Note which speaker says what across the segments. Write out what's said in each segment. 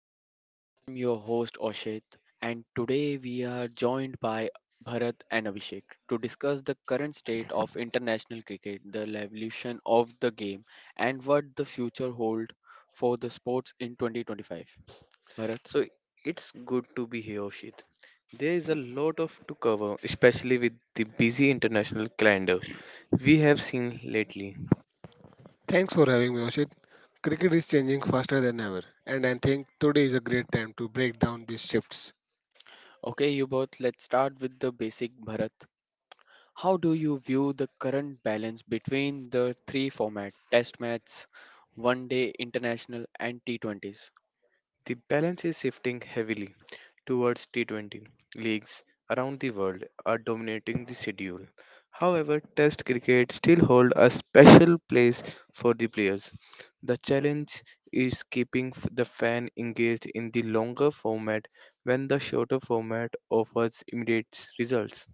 Speaker 1: Pavilion. I am your host Oshit, and today we are joined by Bharat and Abhishek to discuss the current state of international cricket, the evolution of the game, and what the future holds for the sports in 2025. Bharat,
Speaker 2: So it's good to be here, Shit. There is a lot of to cover, especially with the busy international calendar we have seen lately.
Speaker 3: Thanks for having me, Oshit. Cricket is changing faster than ever, and I think today is a great time to break down these shifts.
Speaker 1: okay, you both, let's start with the basic Bharat. How do you view the current balance between the three formats Test matches, One Day International, and T20s?
Speaker 2: The balance is shifting heavily towards T20. Leagues around the world are dominating the schedule. However, Test cricket still hold a special place for the players. The challenge is keeping the fan engaged in the longer format when the shorter format offers immediate results.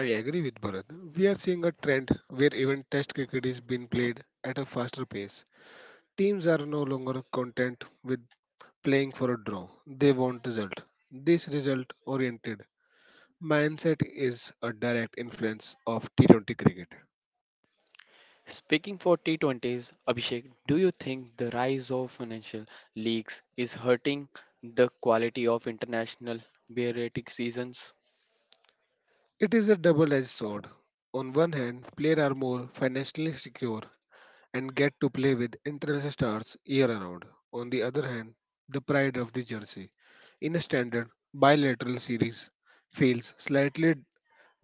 Speaker 3: I agree with Bharat. We are seeing a trend where even test cricket is being played at a faster pace. Teams are no longer content with playing for a draw, they want result. This result oriented mindset is a direct influence of T20 cricket.
Speaker 1: Speaking for T20s, Abhishek, do you think the rise of financial leagues is hurting the quality of international beer rating seasons?
Speaker 3: It is a double edged sword. On one hand, players are more financially secure and get to play with international stars year round. On the other hand, the pride of the jersey in a standard bilateral series feels slightly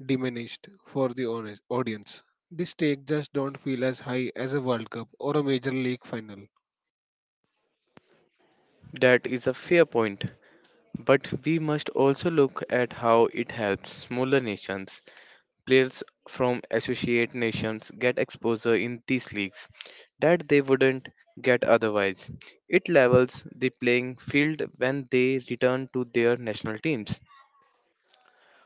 Speaker 3: diminished for the honest audience. The stakes just don't feel as high as a World Cup or a major league final.
Speaker 2: That is a fair point, but we must also look at how it helps smaller nations. Players from associate nations get exposure in these leagues that they wouldn't get otherwise. It levels the playing field when they return to their national teams.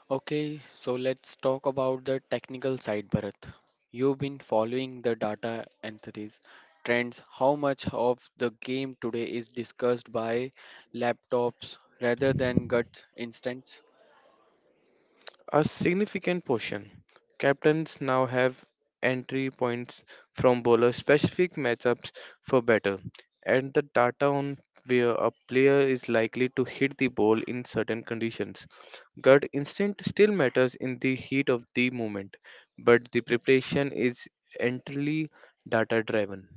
Speaker 1: Okay, so let's talk about the technical side, Bharat. You've been following the data and trends. How much of the game today is discussed by laptops rather than gut instincts?
Speaker 2: A significant portion. Captains now have entry points from bowlers specific matchups for better, and the data on where a player is likely to hit the ball in certain conditions. Gut instinct still matters in the heat of the moment, but the preparation is entirely data driven.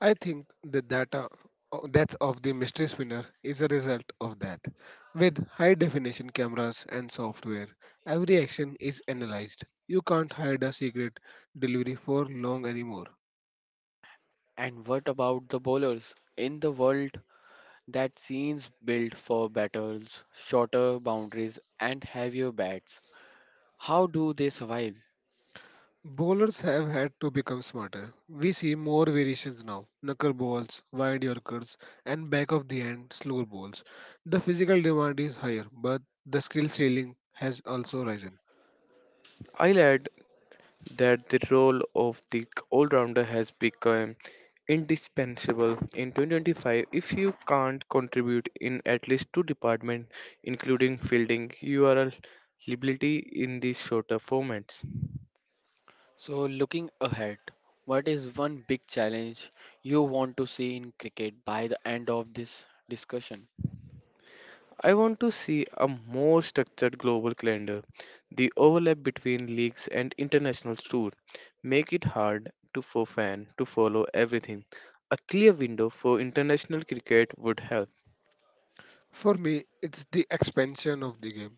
Speaker 3: I think the data death of the mystery spinner is a result of that. With high definition cameras and software, every action is analyzed. You can't hide a secret delivery for long anymore.
Speaker 1: And what about the bowlers? In the world that scenes built for battles, shorter boundaries, and heavier bats. How do they survive?
Speaker 3: Bowlers have had to become smarter. We see more variations now knuckle balls, wide yorkers, and back of the hand slower balls. The physical demand is higher, but the skill ceiling has also risen.
Speaker 2: I'll add that the role of the all rounder has become indispensable in 2025. If you can't contribute in at least two departments including fielding, you are a liability in these shorter formats.
Speaker 1: So, looking ahead, what is one big challenge you want to see in cricket by the end of this discussion?
Speaker 2: I want to see a more structured global calendar. The overlap between leagues and international tour make it hard to for fan to follow everything. A clear window for international cricket would help.
Speaker 3: For me, it's the expansion of the game.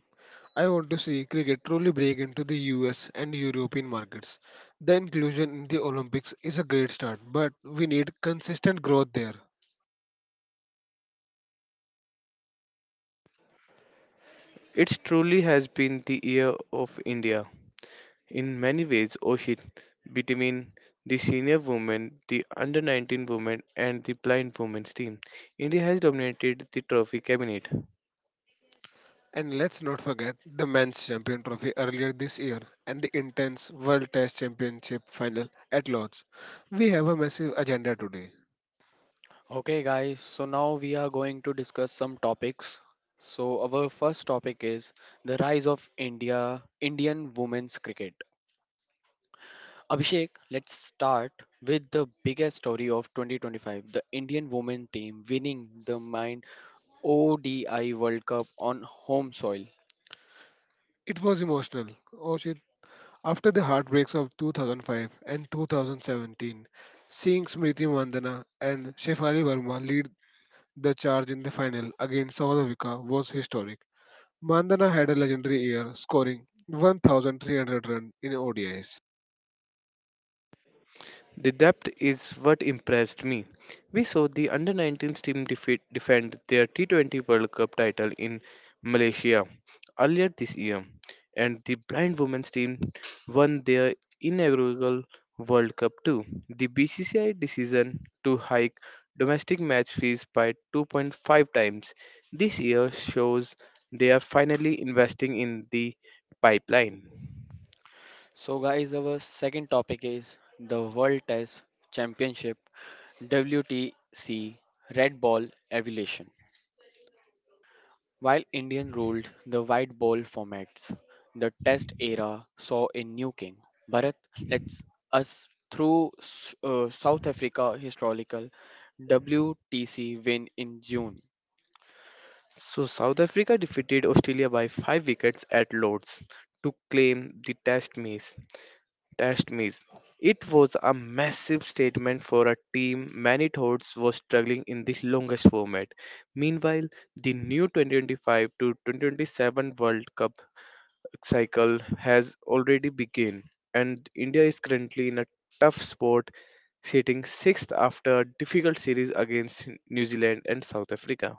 Speaker 3: I want to see cricket truly break into the US and European markets. The inclusion in the Olympics is a great start, but we need consistent growth there.
Speaker 2: It truly has been the year of India. In many ways, Oshit, between the senior women, the under 19 women, and the blind women's team, India has dominated the trophy cabinet.
Speaker 3: And let's not forget the men's champion trophy earlier this year and the intense World Test Championship final at Lord's. We have a massive agenda today.
Speaker 1: Okay, guys, so now we are going to discuss some topics. So, our first topic is the rise of India, Indian women's cricket. Abhishek, let's start with the biggest story of 2025, the Indian women team winning the Mind ODI World Cup on home soil.
Speaker 3: It was emotional. Oh shit. After the heartbreaks of 2005 and 2017, seeing Smriti Mandana and Shefali Verma lead the charge in the final against South Africa was historic. Mandana had a legendary year, scoring 1,300 runs in ODIs.
Speaker 2: The depth is what impressed me. We saw the under 19s team defend their T20 World Cup title in Malaysia earlier this year, and the blind women's team won their inaugural World Cup too. The BCCI decision to hike domestic match fees by 2.5 times this year shows they are finally investing in the pipeline.
Speaker 1: So, guys, our second topic is the World Test Championship, WTC, Red Ball Evolution. While Indian ruled the white ball formats, the Test era saw a new king. Bharat lets us through S- South Africa historical WTC win in June.
Speaker 2: So South Africa defeated Australia by 5 wickets at Lord's to claim the test match. Test match. It was a massive statement for a team many thought was struggling in the longest format. Meanwhile, the new 2025 to 2027 World Cup cycle has already begun, and India is currently in a tough spot sitting 6th after a difficult series against New Zealand and South Africa.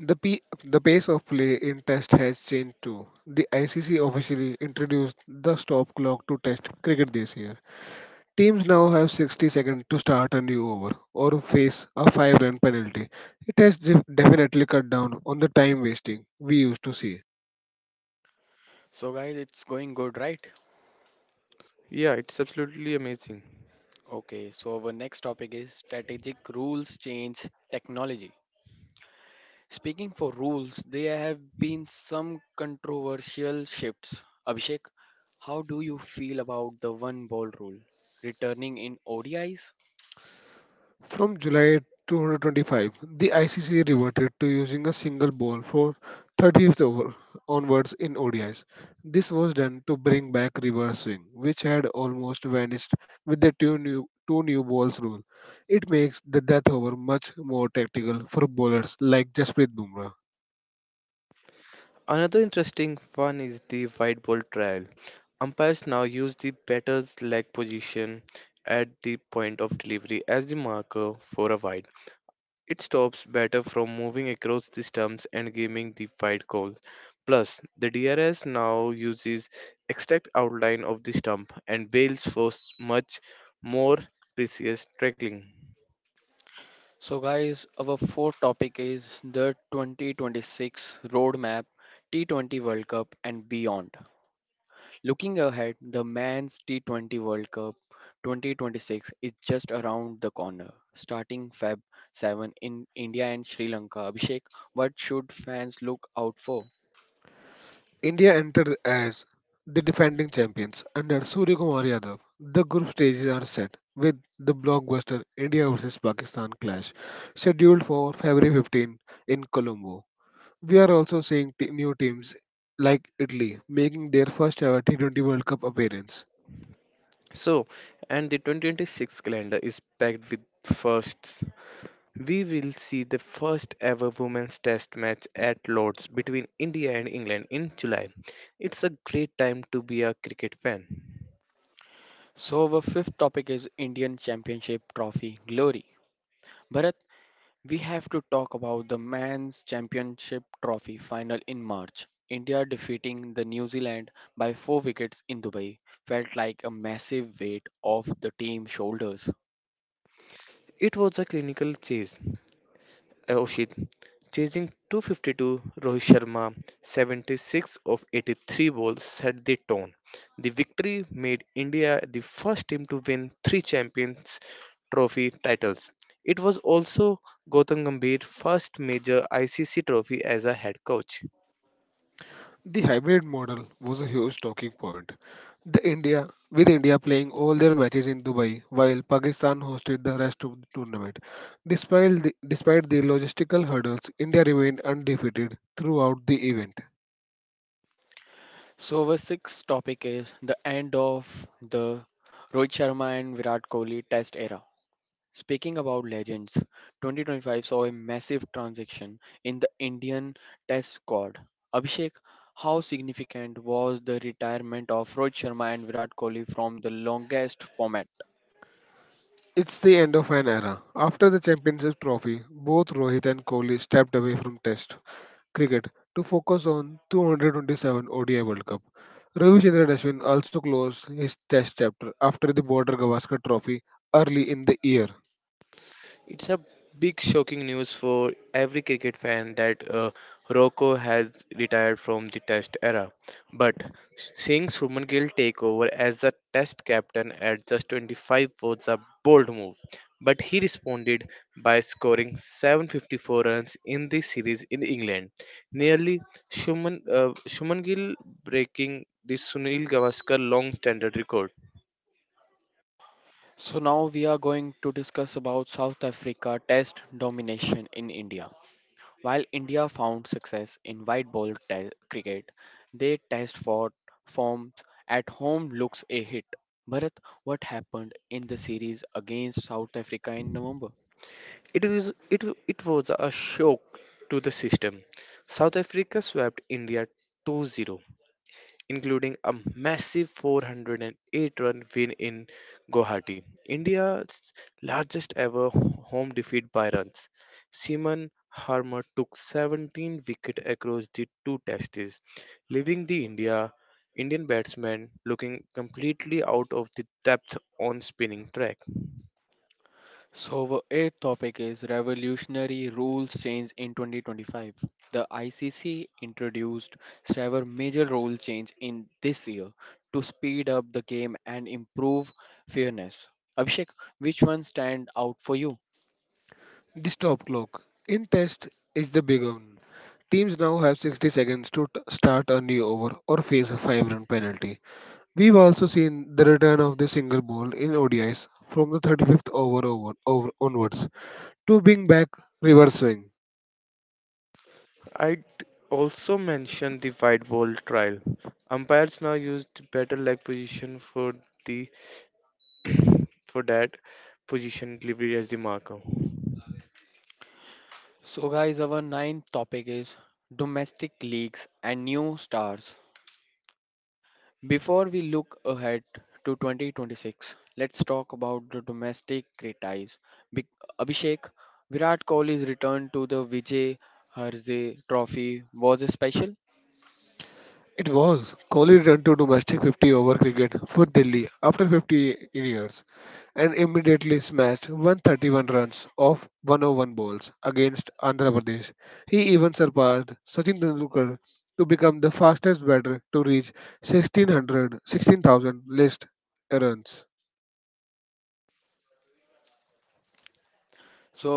Speaker 3: The, P- the pace of play in Test has changed too. The ICC officially introduced the stop clock to Test cricket this year. Teams now have 60 seconds to start a new over or face a 5 run penalty. It has definitely cut down on the time wasting we used to see.
Speaker 1: So, guys, it's going good, right?
Speaker 2: Yeah, it's absolutely amazing.
Speaker 1: Okay, so our next topic is strategic rules change technology. Speaking for rules, there have been some controversial shifts. Abhishek, how do you feel about the one ball rule returning in ODIs?
Speaker 3: From July 225, the ICC reverted to using a single ball for 30th over onwards in ODIs. This was done to bring back reverse swing, which had almost vanished with the two new balls rule. It makes the death over much more tactical for bowlers like Jasprit Bumrah.
Speaker 2: Another interesting one is the white ball trial. Umpires now use the batter's leg position at the point of delivery as the marker for a wide. It stops batter from moving across the stumps and giving the wide call. Plus, the DRS now uses exact outline of the stump and bails for much more precise tackling.
Speaker 1: So, guys, our fourth topic is the 2026 roadmap, T20 World Cup, and beyond. Looking ahead, the men's T20 World Cup 2026 is just around the corner, starting Feb 7th in India and Sri Lanka. Abhishek, what should fans look out for?
Speaker 3: India entered as the defending champions under Surya Kumar Yadav. The group stages are set with the blockbuster India vs Pakistan clash scheduled for February 15 in Colombo. We are also seeing new teams like Italy making their first ever T20 World Cup appearance.
Speaker 2: So, and the 2026 calendar is packed with firsts. We will see the first ever women's test match at Lord's between India and England in July. It's a great time to be a cricket fan.
Speaker 1: So, our fifth topic is Indian Championship Trophy Glory. Bharat, we have to talk about the men's championship trophy final in March. India defeating the New Zealand by 4 wickets in Dubai felt like a massive weight off the team's shoulders.
Speaker 2: It was a clinical chase, Oshit. Chasing 252, Rohit Sharma 76 of 83 balls set the tone. The victory made India the first team to win three Champions Trophy titles. It was also Gautam Gambhir's first major ICC trophy as a head coach.
Speaker 3: The hybrid model was a huge talking point. The India with India playing all their matches in Dubai while Pakistan hosted the rest of the tournament. Despite the logistical hurdles, India remained undefeated throughout the event.
Speaker 1: So our sixth topic is the end of the Rohit Sharma and Virat Kohli test era. Speaking about legends, 2025 saw a massive transaction in the Indian Test squad. Abhishek, how significant was the retirement of Rohit Sharma and Virat Kohli from the longest format?
Speaker 3: It's the end of an era. After the Championship trophy, both Rohit and Kohli stepped away from Test cricket to focus on 227 ODI World Cup. Ravichandran Ashwin also closed his Test chapter after the Border Gavaskar Trophy early in the year.
Speaker 2: It's a big shocking news for every cricket fan that Rocco has retired from the test era. But seeing Shubman Gill take over as the test captain at just 25 was a bold move. But he responded by scoring 754 runs in the series in England. Nearly Shubman Gill breaking the Sunil Gavaskar long standard record.
Speaker 1: So now we are going to discuss about South Africa Test domination in India. While India found success in cricket, their test for form at home looks a hit. Bharat, what happened in the series against South Africa in November?
Speaker 2: It was it was a shock to the system. South Africa swept India 2-0, including a massive 408 run win in Guwahati, India's largest ever home defeat by runs. Seaman Harmer took 17 wickets across the two tests, leaving the Indian batsmen looking completely out of the depth on spinning track.
Speaker 1: So, our eighth topic is revolutionary rules change in 2025. The ICC introduced several major rule change in this year to speed up the game and improve fairness. Abhishek, which one stand out for you?
Speaker 3: The stop clock in test is the big one. Teams now have 60 seconds to start a new over or face a 5 run penalty. We've also seen the return of the single ball in ODIs from the 35th over onwards to being back reverse swing.
Speaker 2: I'd also mention the wide ball trial. Umpires now use the better leg position for the for that position delivery as the marker.
Speaker 1: So, guys, our ninth topic is domestic leagues and new stars. Before we look ahead to 2026, let's talk about the domestic criticise. Big Abhishek, Virat Kohli's return to the Vijay Harzay Trophy was a special.
Speaker 3: It was. Kohli returned to domestic 50 over cricket for Delhi after 50 years and immediately smashed 131 runs off 101 balls against Andhra Pradesh. He even surpassed Sachin Tendulkar to become the fastest batter to reach 1600 16,000 list runs.
Speaker 1: So,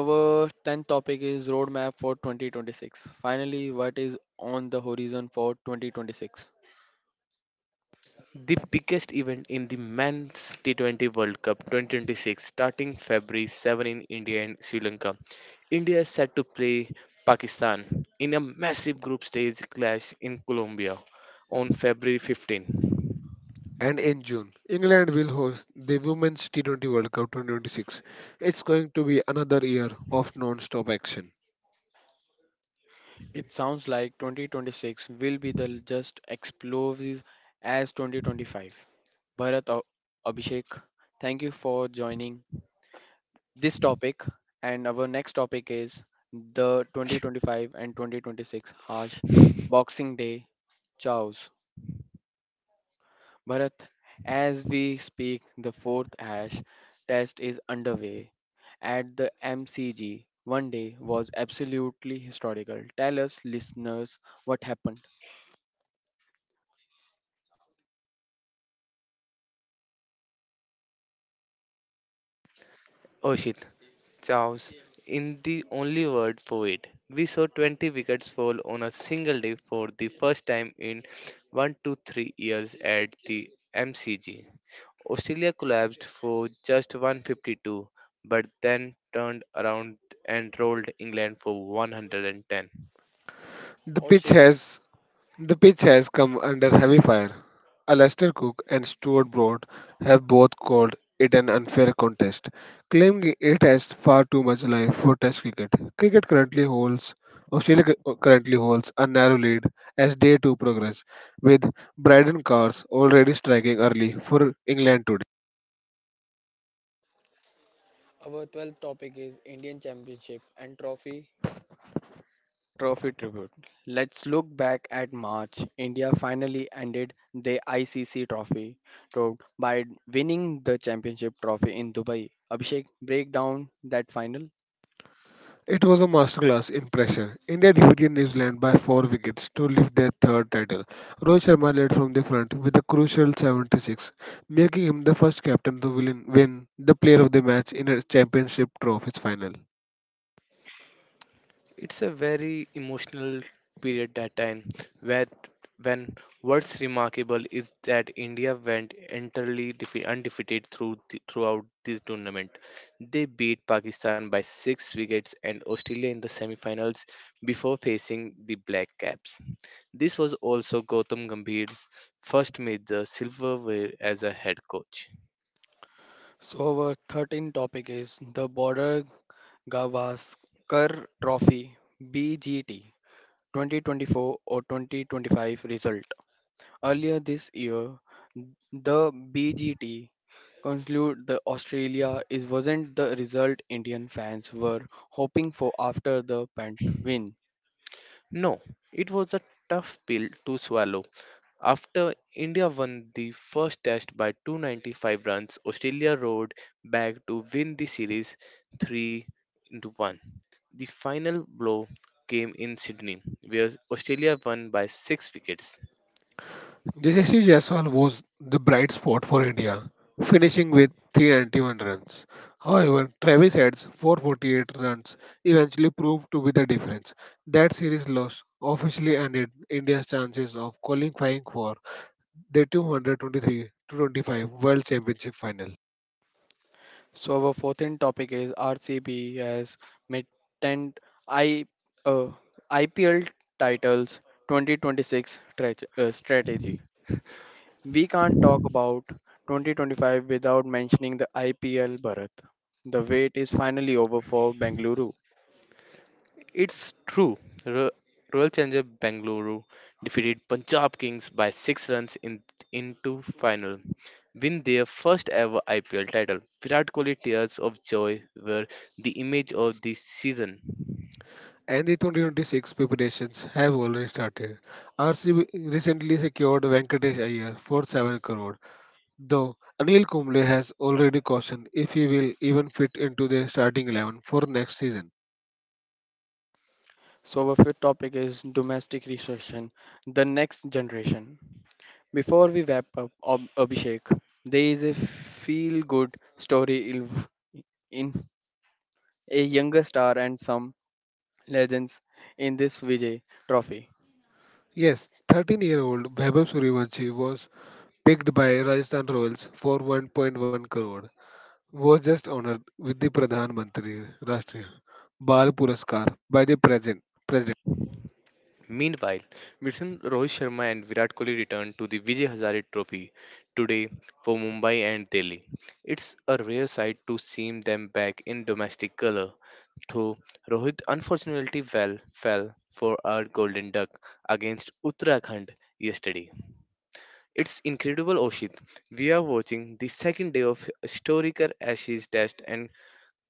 Speaker 1: our tenth topic is roadmap for 2026. Finally, what is on the horizon for 2026?
Speaker 2: The biggest event in the men's T20 World Cup 2026 starting February 7 in India and Sri Lanka. India is set to play Pakistan in a massive group stage clash in Colombia on February 15.
Speaker 3: And in June, England will host the Women's T20 World Cup 2026. It's going to be another year of non-stop action.
Speaker 1: It sounds like 2026 will be the just explosive as 2025. Bharat, Abhishek, thank you for joining this topic. And our next topic is the 2025 and 2026 harsh Boxing Day chows. Bharat, as we speak, the fourth hash test is underway at the MCG. One day was absolutely historical. Tell us, listeners, what happened.
Speaker 2: Oshit, chaos in the only word for it. We saw 20 wickets fall on a single day for the first time in 1 to 3 years at the MCG. Australia collapsed for just 152 but then turned around and rolled England for 110.
Speaker 3: The pitch has The pitch has come under heavy fire. Alastair Cook and Stuart Broad have both called it an unfair contest, claiming it has far too much life for Test cricket. Cricket currently holds Australia currently holds a narrow lead as day two progress, with Braden Cars already striking early for England today.
Speaker 1: Our 12th topic is Indian Championship and Trophy. Trophy tribute. Let's look back at March. India finally ended the ICC trophy road by winning the championship trophy in Dubai. Abhishek, break down that final.
Speaker 3: It was a masterclass in pressure. India defeated New Zealand by four wickets to lift their third title. Rohit Sharma led from the front with a crucial 76, making him the first captain to win the player of the match in a championship trophies final.
Speaker 2: It's a very emotional period that time where when what's remarkable is that India went entirely undefeated through throughout the tournament. They beat Pakistan by six wickets and Australia in the semi-finals before facing the Black Caps. This was also Gautam Gambhir's first major silverware as a head coach.
Speaker 1: So, our 13th topic is the Border Gavaskar Trophy BGT 2024 or 2025 result. Earlier this year, the BGT concluded the Australia is wasn't the result Indian fans were hoping for after the Pant win.
Speaker 2: No, it was a tough pill to swallow. After India won the first test by 295 runs, Australia rode back to win the series 3-1. The final blow came in Sydney, where Australia won by 6 wickets.
Speaker 3: Yashasvi Jaiswal was the bright spot for India, finishing with 391 runs. However, Travis Head's 448 runs eventually proved to be the difference. That series loss officially ended India's chances of qualifying for the 223 25 World Championship final.
Speaker 1: So our fourth and topic is RCB has maintained I uh, IPL titles 2026 strategy. We can't talk about 2025 without mentioning the IPL Bharat. The wait is finally over for Bengaluru.
Speaker 2: It's true. Ro- Royal Challenger Bangalore defeated Punjab Kings by 6 runs in into final. Win their first ever IPL title. Virat Kohli tears of joy were the image of the season.
Speaker 3: And the 2026 preparations have already started. RCB recently secured Venkatesh Iyer for 7 crore, though Anil Kumble has already cautioned if he will even fit into the starting 11 for next season.
Speaker 1: So, our fifth topic is domestic restriction, the next generation. Before we wrap up Abhishek, there is a feel good story in in a younger star and some legends in this Vijay trophy.
Speaker 3: Yes, 13-year-old Vaibhav Suryavanshi was picked by Rajasthan Royals for 1.1 crore. Was just honored with the Pradhan Mantri Rashtriya Bal Puraskar by the present president.
Speaker 2: Meanwhile, Wilson, Rohit Sharma and Virat Kohli returned to the Vijay Hazare Trophy today for Mumbai and Delhi. It's a rare sight to see them back in domestic colour. So Rohit unfortunately fell for our golden duck against Uttarakhand yesterday. It's incredible, Oshit. We are watching the second day of historical Ashes Test and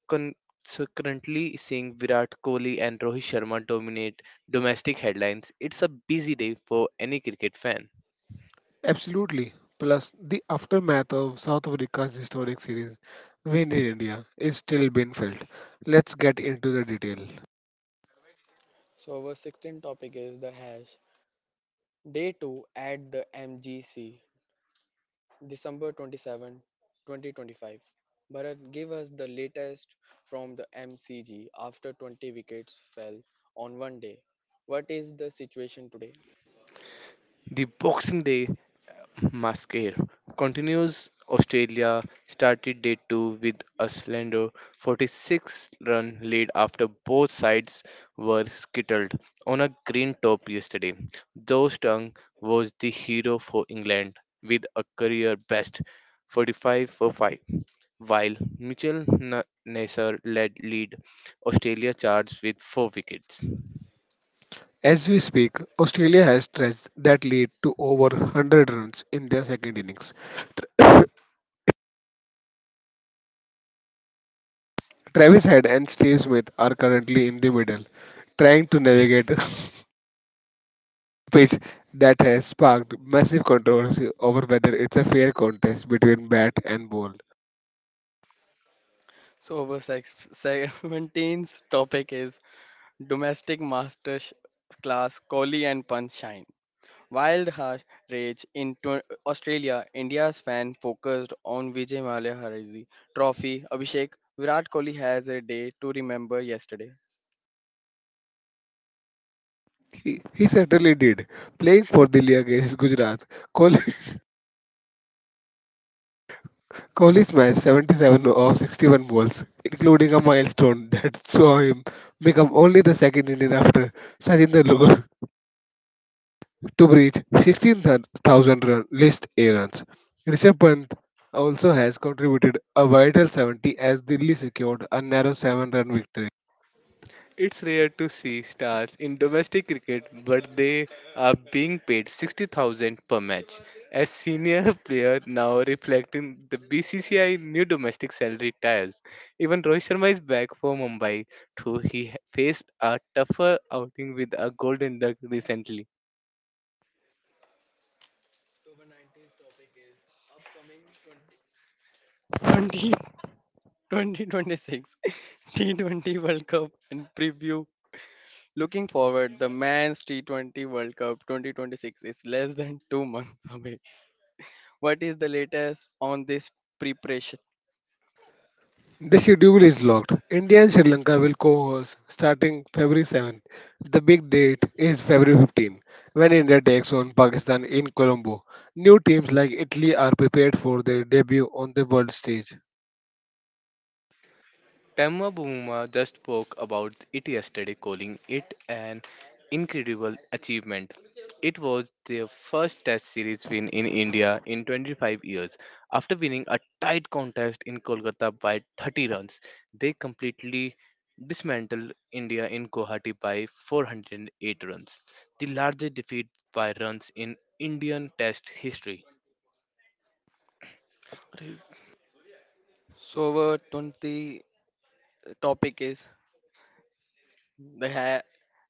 Speaker 2: consequently seeing Virat Kohli and Rohit Sharma dominate domestic headlines. It's a busy day for any cricket fan.
Speaker 3: Absolutely. Plus, the aftermath of South Africa's historic series win in India is still being felt. Let's get into the detail.
Speaker 1: So, our 16th topic is the hash day two at the MGC. December 27th, 2025. Bharat, give us the latest from the MCG after 20 wickets fell on one day. What is the situation today?
Speaker 2: The Boxing Day Mask Air continues. Australia started day two with a slender 46 run lead after both sides were skittled on a green top yesterday. Joe Stung was the hero for England with a career best 45 for 5, while Mitchell Nasser led lead Australia charged with 4 wickets.
Speaker 3: As we speak, Australia has stretched that lead to over 100 runs in their second innings. Travis Head and Steve Smith are currently in the middle, trying to navigate a pitch that has sparked massive controversy over whether it's a fair contest between bat and ball.
Speaker 1: So our 17th topic is domestic class Kohli and Pant shine. Wild harsh rage in Australia, India's fan focused on Vijay Mallya Harizi Trophy. Abhishek, Virat Kohli has a day to remember yesterday.
Speaker 3: He certainly did, playing for Delhi against Gujarat. Kohli Kohli smashed 77 of 61 balls, including a milestone that saw him become only the second Indian after Sachin Tendulkar to breach 16,000 run list A runs. Rishabh Pant also has contributed a vital 70 as Delhi secured a narrow 7 run victory.
Speaker 2: It's rare to see stars in domestic cricket, but they are being paid 60,000 per match. As senior player now reflecting the BCCI new domestic salary tiers. Even Rohit Sharma is back for Mumbai, though he faced a tougher outing with a golden duck recently.
Speaker 1: So the 90s topic is upcoming 20, 2026 T20 World Cup and preview. Looking forward, the men's T20 World Cup 2026 is less than 2 months away. What is the latest on this preparation?
Speaker 3: The schedule is locked. India and Sri Lanka will co-host starting February 7th. The big date is February 15th when India takes on Pakistan in Colombo. New teams like Italy are prepared for their debut on the world stage.
Speaker 2: Temma Bumuma just spoke about it yesterday, calling it an incredible achievement. It was their first Test series win in India in 25 years. After winning a tight contest in Kolkata by 30 runs, they completely dismantled India in Guwahati by 408 runs, the largest defeat by runs in Indian Test history.
Speaker 1: So our 20 topic is The ha-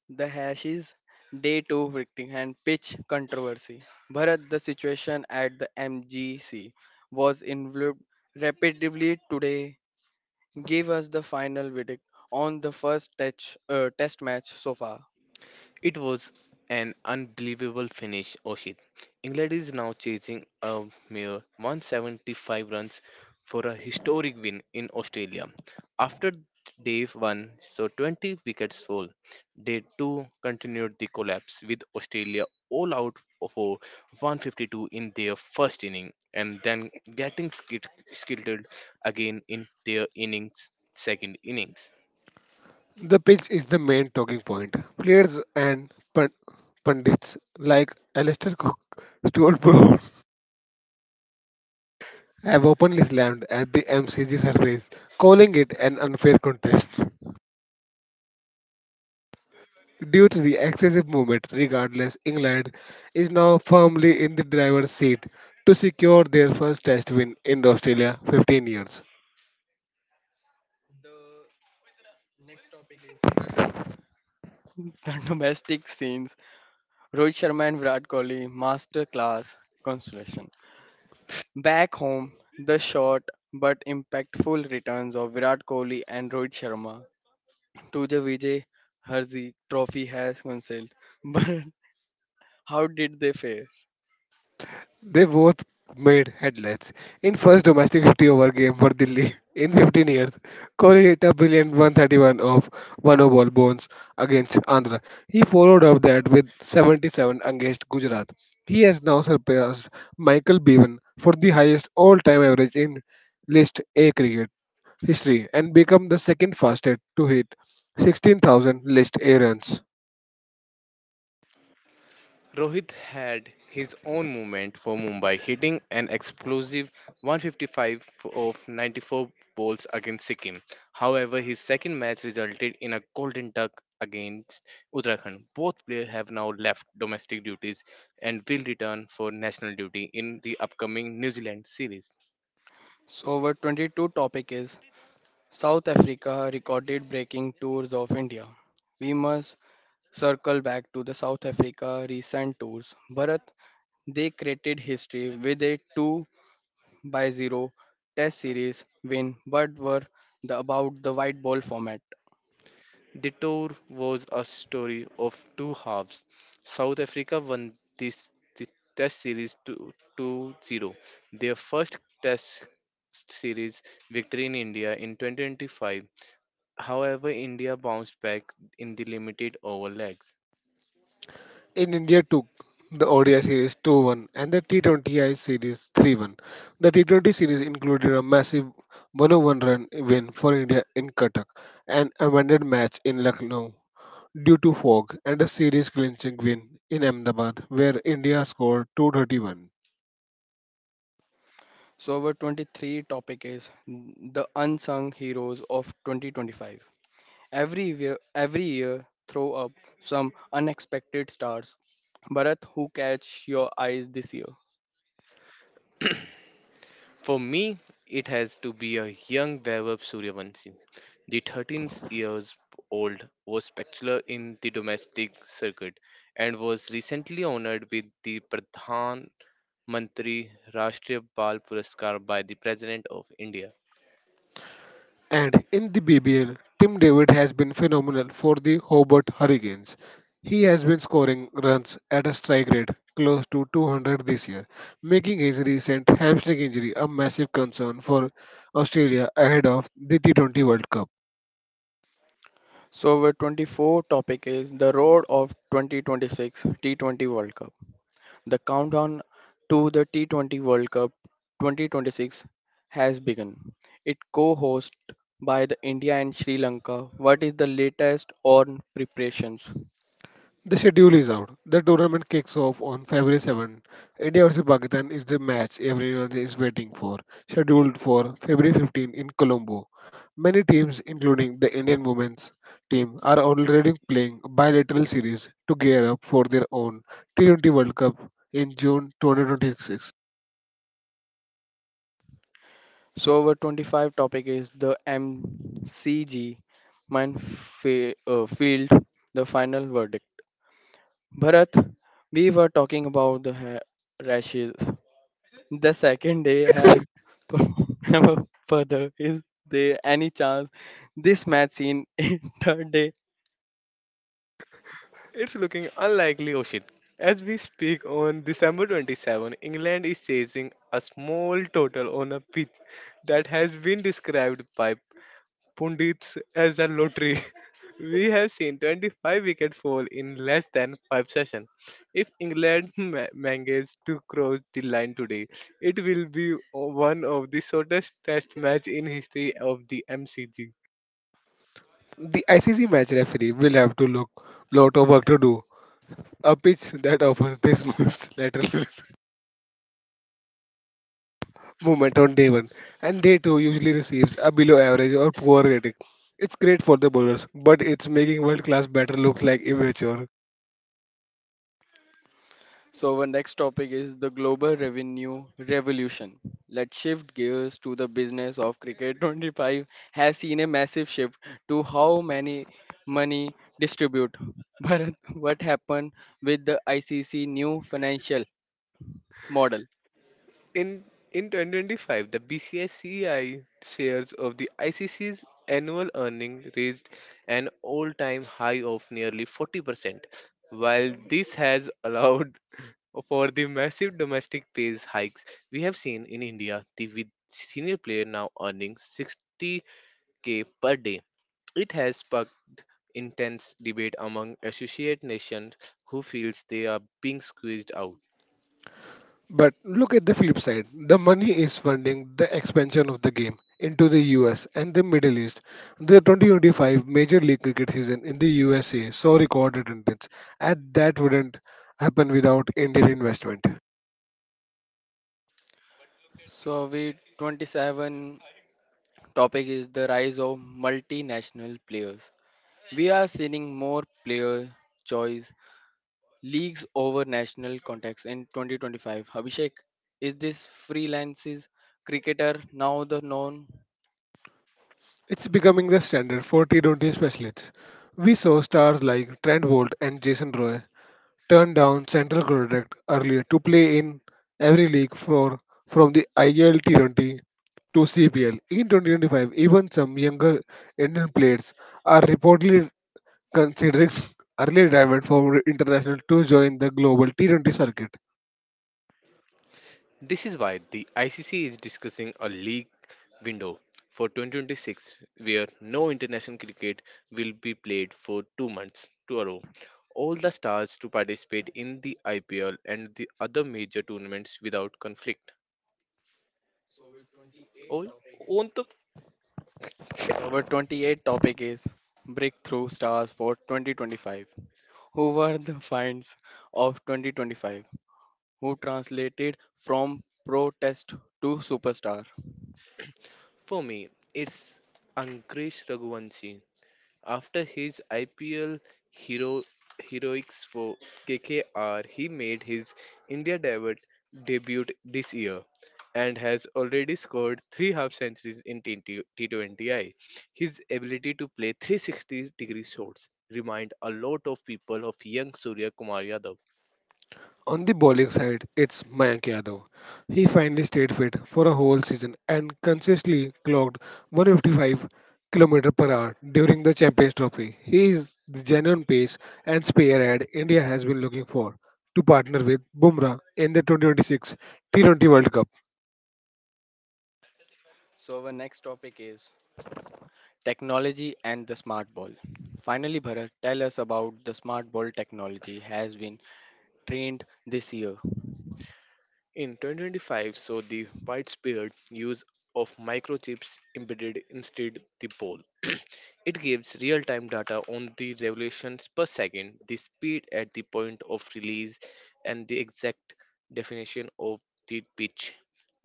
Speaker 1: the hash is day two victim and pitch controversy. Bharat, the situation at the MGC was involved repeatedly today. Give us the final verdict on the first test match so far.
Speaker 2: It was an unbelievable finish, Oshit. England is now chasing a mere 175 runs for a historic win in Australia. After day 1 saw 20 wickets fall, day 2 continued the collapse with Australia all out for 152 in their first inning and then getting skittled again in their innings second innings.
Speaker 3: The pitch is the main talking point. Players and pundits like Alistair Cook, Stuart Broad have openly slammed at the MCG surface, calling it an unfair contest. Due to the excessive movement, regardless, England is now firmly in the driver's seat to secure their first Test win in Australia 15 years.
Speaker 1: The next topic is the domestic scenes. Rohit Sharma and Virat Kohli masterclass consolation. Back home, the short but impactful returns of Virat Kohli and Rohit Sharma to the Vijay Harsey Trophy has cancelled. But how did they fare?
Speaker 3: They both made headlines. In first domestic 50 over game for Delhi in 15 years, Kohli hit a brilliant 131 of one ball bones against Andhra. He followed up that with 77 against Gujarat. He has now surpassed Michael Bevan for the highest all-time average in List A cricket history and become the second fastest to hit 16,000 List A runs.
Speaker 2: Rohit had his own moment for Mumbai, hitting an explosive 155 of 94 balls against Sikkim. However, his second match resulted in a golden tuck against Uttarakhand. Both players have now left domestic duties and will return for national duty in the upcoming New Zealand series.
Speaker 1: So our 22 topic is South Africa recorded breaking tours of India. We must circle back to the South Africa recent tours. Bharat, they created history with a 2 by 0 test series win but were the, about the white ball format.
Speaker 2: The tour was a story of two halves. South Africa won this Test series 2-0. Their first Test series victory in India in 2025. However, India bounced back in the limited over legs.
Speaker 3: In India took the ODI series 2-1 and the T20I series 3-1. The T20 series included a massive 101 run win for India in Cuttack, an amended match in Lucknow due to fog, and a series clinching win in Ahmedabad where India scored 231.
Speaker 1: So our 23 topic is the unsung heroes of 2025. Every year, throw up some unexpected stars. Bharat, who catch your eyes this year?
Speaker 2: For me, it has to be a young Vaibhav Suryavanshi. The 13 years old was spectacular in the domestic circuit and was recently honored with the Pradhan Mantri Rashtriya Bal Puraskar by the President of India.
Speaker 3: And in the BBL, Tim David has been phenomenal for the Hobart Hurricanes. He has been scoring runs at a strike rate close to 200 this year, making his recent hamstring injury a massive concern for Australia ahead of the T20 World Cup.
Speaker 1: So, our 24 topic is the road of 2026 T20 World Cup. The countdown to the T20 World Cup 2026 has begun. It co-hosted by the India and Sri Lanka. What is the latest on preparations?
Speaker 3: The schedule is out. The tournament kicks off on February 7th. India vs Pakistan is the match everyone is waiting for, scheduled for February 15 in Colombo. Many teams, including the Indian women's team, are already playing bilateral series to gear up for their own T20 World Cup in June 2026.
Speaker 1: So our 25 topic is the MCG mind field the final verdict. Bharat, we were talking about the rashes. The second day has never further. Is there any chance this match seen in third day?
Speaker 2: It's looking unlikely, Oshit. As we speak on December 27, England is chasing a small total on a pitch that has been described by pundits as a lottery. We have seen 25 wicket fall in less than 5 sessions. If England manages to cross the line today, it will be one of the shortest test match in history of the MCG.
Speaker 3: The ICC match referee will have to look lot of work to do. A pitch that offers this much lateral movement on day one, and day two usually receives a below average or poor rating. It's great for the bowlers, but it's making world class batter look like immature.
Speaker 1: So, our next topic is the global revenue revolution. Let's shift gears to the business of cricket. 25 has seen a massive shift to how many money distribute. Bharat, what happened with the ICC new financial model?
Speaker 2: In in 2025, the BCCI shares of the ICC's annual earning reached an all-time high of nearly 40%. While this has allowed for the massive domestic pay hikes we have seen in India, the with senior player now earning 60K per day. It has sparked intense debate among associate nations who feels they are being squeezed out.
Speaker 3: But look at the flip side. The money is funding the expansion of the game into the US and the Middle East. The 2025 Major League Cricket season in the USA saw record attendance, and that wouldn't happen without Indian investment.
Speaker 1: So, we 27 topic is the rise of multinational players. We are seeing more player choice leagues over national context in 2025. Abhishek, is this freelances cricketer now the known.
Speaker 3: It's becoming the standard for T20 specialists. We saw stars like Trent Bolt and Jason Roy turned down Central Connecticut earlier to play in every league for from the IL 20 to CPL. In 2025, even some younger Indian players are reportedly considering early retirement from international to join the global T20 circuit.
Speaker 2: This is why the ICC is discussing a league window for 2026 where no international cricket will be played for 2 months to a row. All the stars to participate in the IPL and the other major tournaments without conflict.
Speaker 1: So our 28
Speaker 2: Oh,
Speaker 1: topic is
Speaker 2: Ontuk
Speaker 1: so our 28 topic is breakthrough stars for 2025. Who were the finds of 2025? Who translated from protest to superstar?
Speaker 2: for me, it's Ankush Raghuvanshi. After his IPL hero heroics for KKR, he made his India debut this year and has already scored three half centuries in t T20I. His ability to play 360 degree shots remind a lot of people of young Surya Kumar Yadav.
Speaker 3: On the bowling side, it's Mayank Yadav. He finally stayed fit for a whole season and consistently clocked 155 km/h per hour during the Champions Trophy. He is the genuine pace and spearhead India has been looking for to partner with Bumrah in the 2026 T20 World Cup.
Speaker 1: So our next topic is technology and the smart ball. Finally, Bharat, tell us about the smart ball technology has been trained this year.
Speaker 2: In 2025, saw the widespread use of microchips embedded instead the pole. It gives real-time data on the revolutions per second, the speed at the point of release, and the exact definition of the pitch.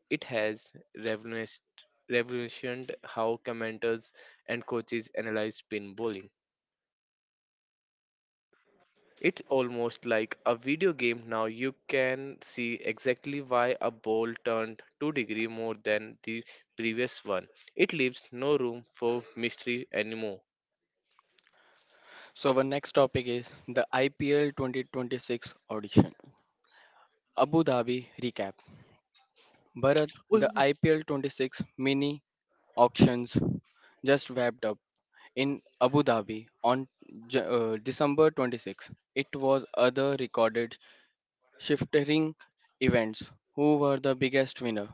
Speaker 2: It has revolutionized revolutioned how commenters and coaches analyze spin bowling. It's almost like a video game now. You can see exactly why a ball turned 2-degree more than the previous one. It leaves no room for mystery anymore.
Speaker 1: So, our next topic is the IPL 2026 audition. Abu Dhabi recap. Bharat,
Speaker 2: Oi,
Speaker 1: the
Speaker 2: oi.
Speaker 1: IPL 26 mini auctions just wrapped up in Abu Dhabi on December 26th. It was other recorded shifting events. Who were the biggest winner?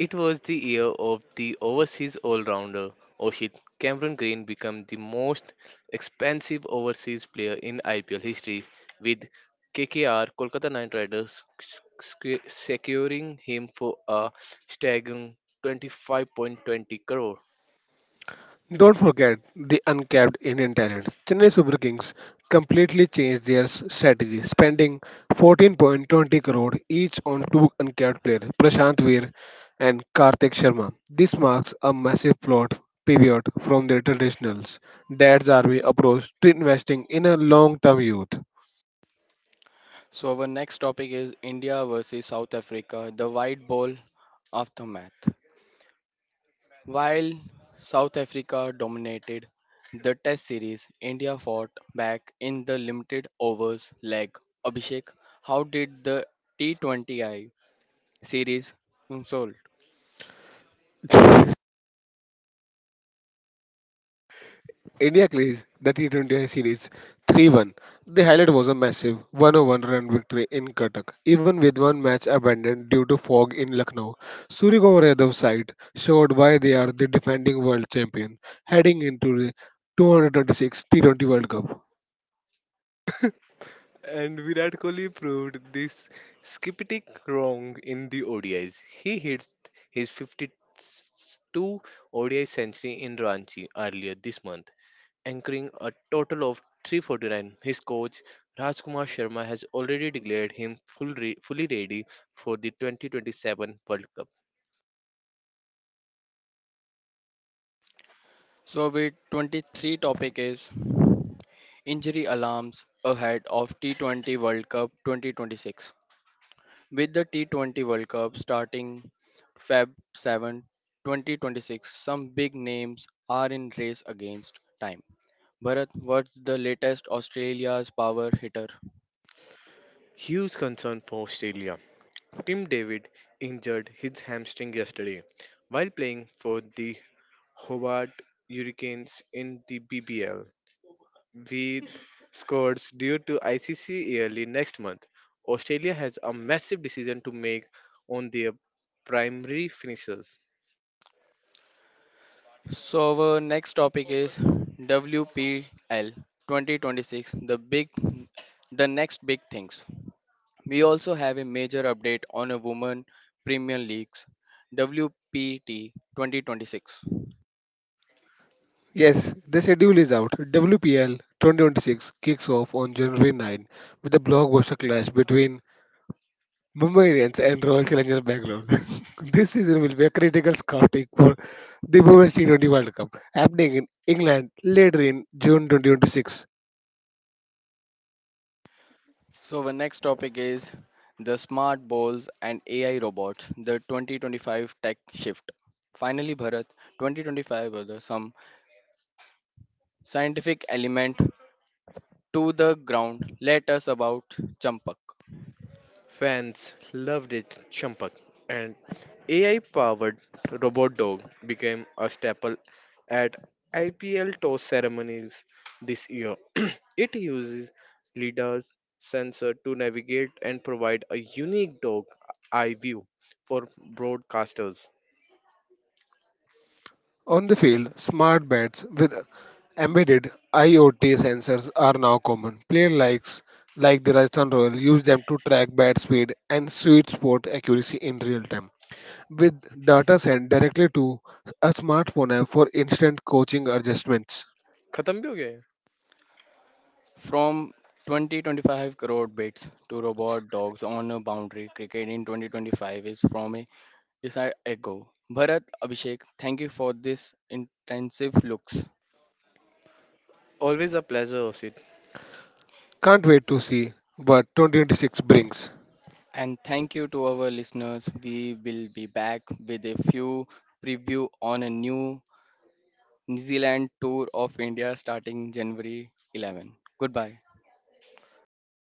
Speaker 2: It was the year of the overseas all-rounder. Oshit, Cameron Green became the most expensive overseas player in IPL history, with KKR Kolkata Knight Riders securing him for a staggering 25.20 crore.
Speaker 3: Don't forget the uncapped Indian talent. Chennai Super Kings completely changed their strategy, spending 14.20 crore each on two uncapped players, Prashant Veer and Karthik Sharma. This marks a massive plot pivot from their traditionals. Dad's Army approach to investing in a long-term youth.
Speaker 1: So our next topic is India versus South Africa, the white ball aftermath. While South Africa dominated the Test series, India fought back in the limited overs leg. Abhishek, how did the T20I series console?
Speaker 3: India clinched the T20 series 3-1. The highlight was a massive 101 run victory in Cuttack, even with one match abandoned due to fog in Lucknow. Surya Kumar Yadav's side showed why they are the defending world champion heading into the 226 T20 World Cup.
Speaker 2: And Virat Kohli proved this skeptic wrong in the ODIs. He hit his 52 ODI century in Ranchi earlier this month, anchoring a total of 349. His coach Rajkumar Sharma has already declared him fully ready for the 2027 World Cup.
Speaker 1: So, with 23 topic is injury alarms ahead of T20 World Cup 2026. With the T20 World Cup starting Feb 7th, 2026, some big names are in race against time. Bharat, what's the latest Australia's power hitter?
Speaker 2: Huge concern for Australia. Tim David injured his hamstring yesterday while playing for the Hobart Hurricanes in the BBL with scores due to ICC early next month. Australia has a massive decision to make on their primary finishers.
Speaker 1: So our next topic is WPL 2026, the big, the next big things. We also have a major update on a woman Premier Leagues WPT 2026.
Speaker 3: Yes, the schedule is out. WPL 2026 kicks off on January 9 with a blockbuster clash between Mumbai Indians and Royal Challengers Bangalore. This season will be a critical scouting for the Women's T20 World Cup happening in England later in June 2026.
Speaker 1: So our next topic is the smart balls and AI robots, the 2025 tech shift. Finally, Bharat, 2025 was some scientific element to the ground. Let us about Champak.
Speaker 2: Fans loved it, Champak, and AI powered robot dog became a staple at IPL toss ceremonies this year. It uses LIDAR's sensor to navigate and provide a unique dog eye view for broadcasters.
Speaker 3: On the field, smart bats with embedded IoT sensors are now common. Players like the Rajasthan Royals use them to track bat speed and sweet spot accuracy in real time, with data sent directly to a smartphone app for instant coaching adjustments.
Speaker 2: खत्म भी हो गया है?
Speaker 1: From 2025 crore bits to robot dogs on a boundary cricket in 2025 is from a decide ago. Bharat Abhishek, thank you for this intensive looks.
Speaker 2: Always a pleasure,
Speaker 3: Can't wait to see what 2026 brings.
Speaker 1: And thank you to our listeners. We will be back with a few preview on a new New Zealand tour of India starting January 11th. Goodbye.
Speaker 2: Osit.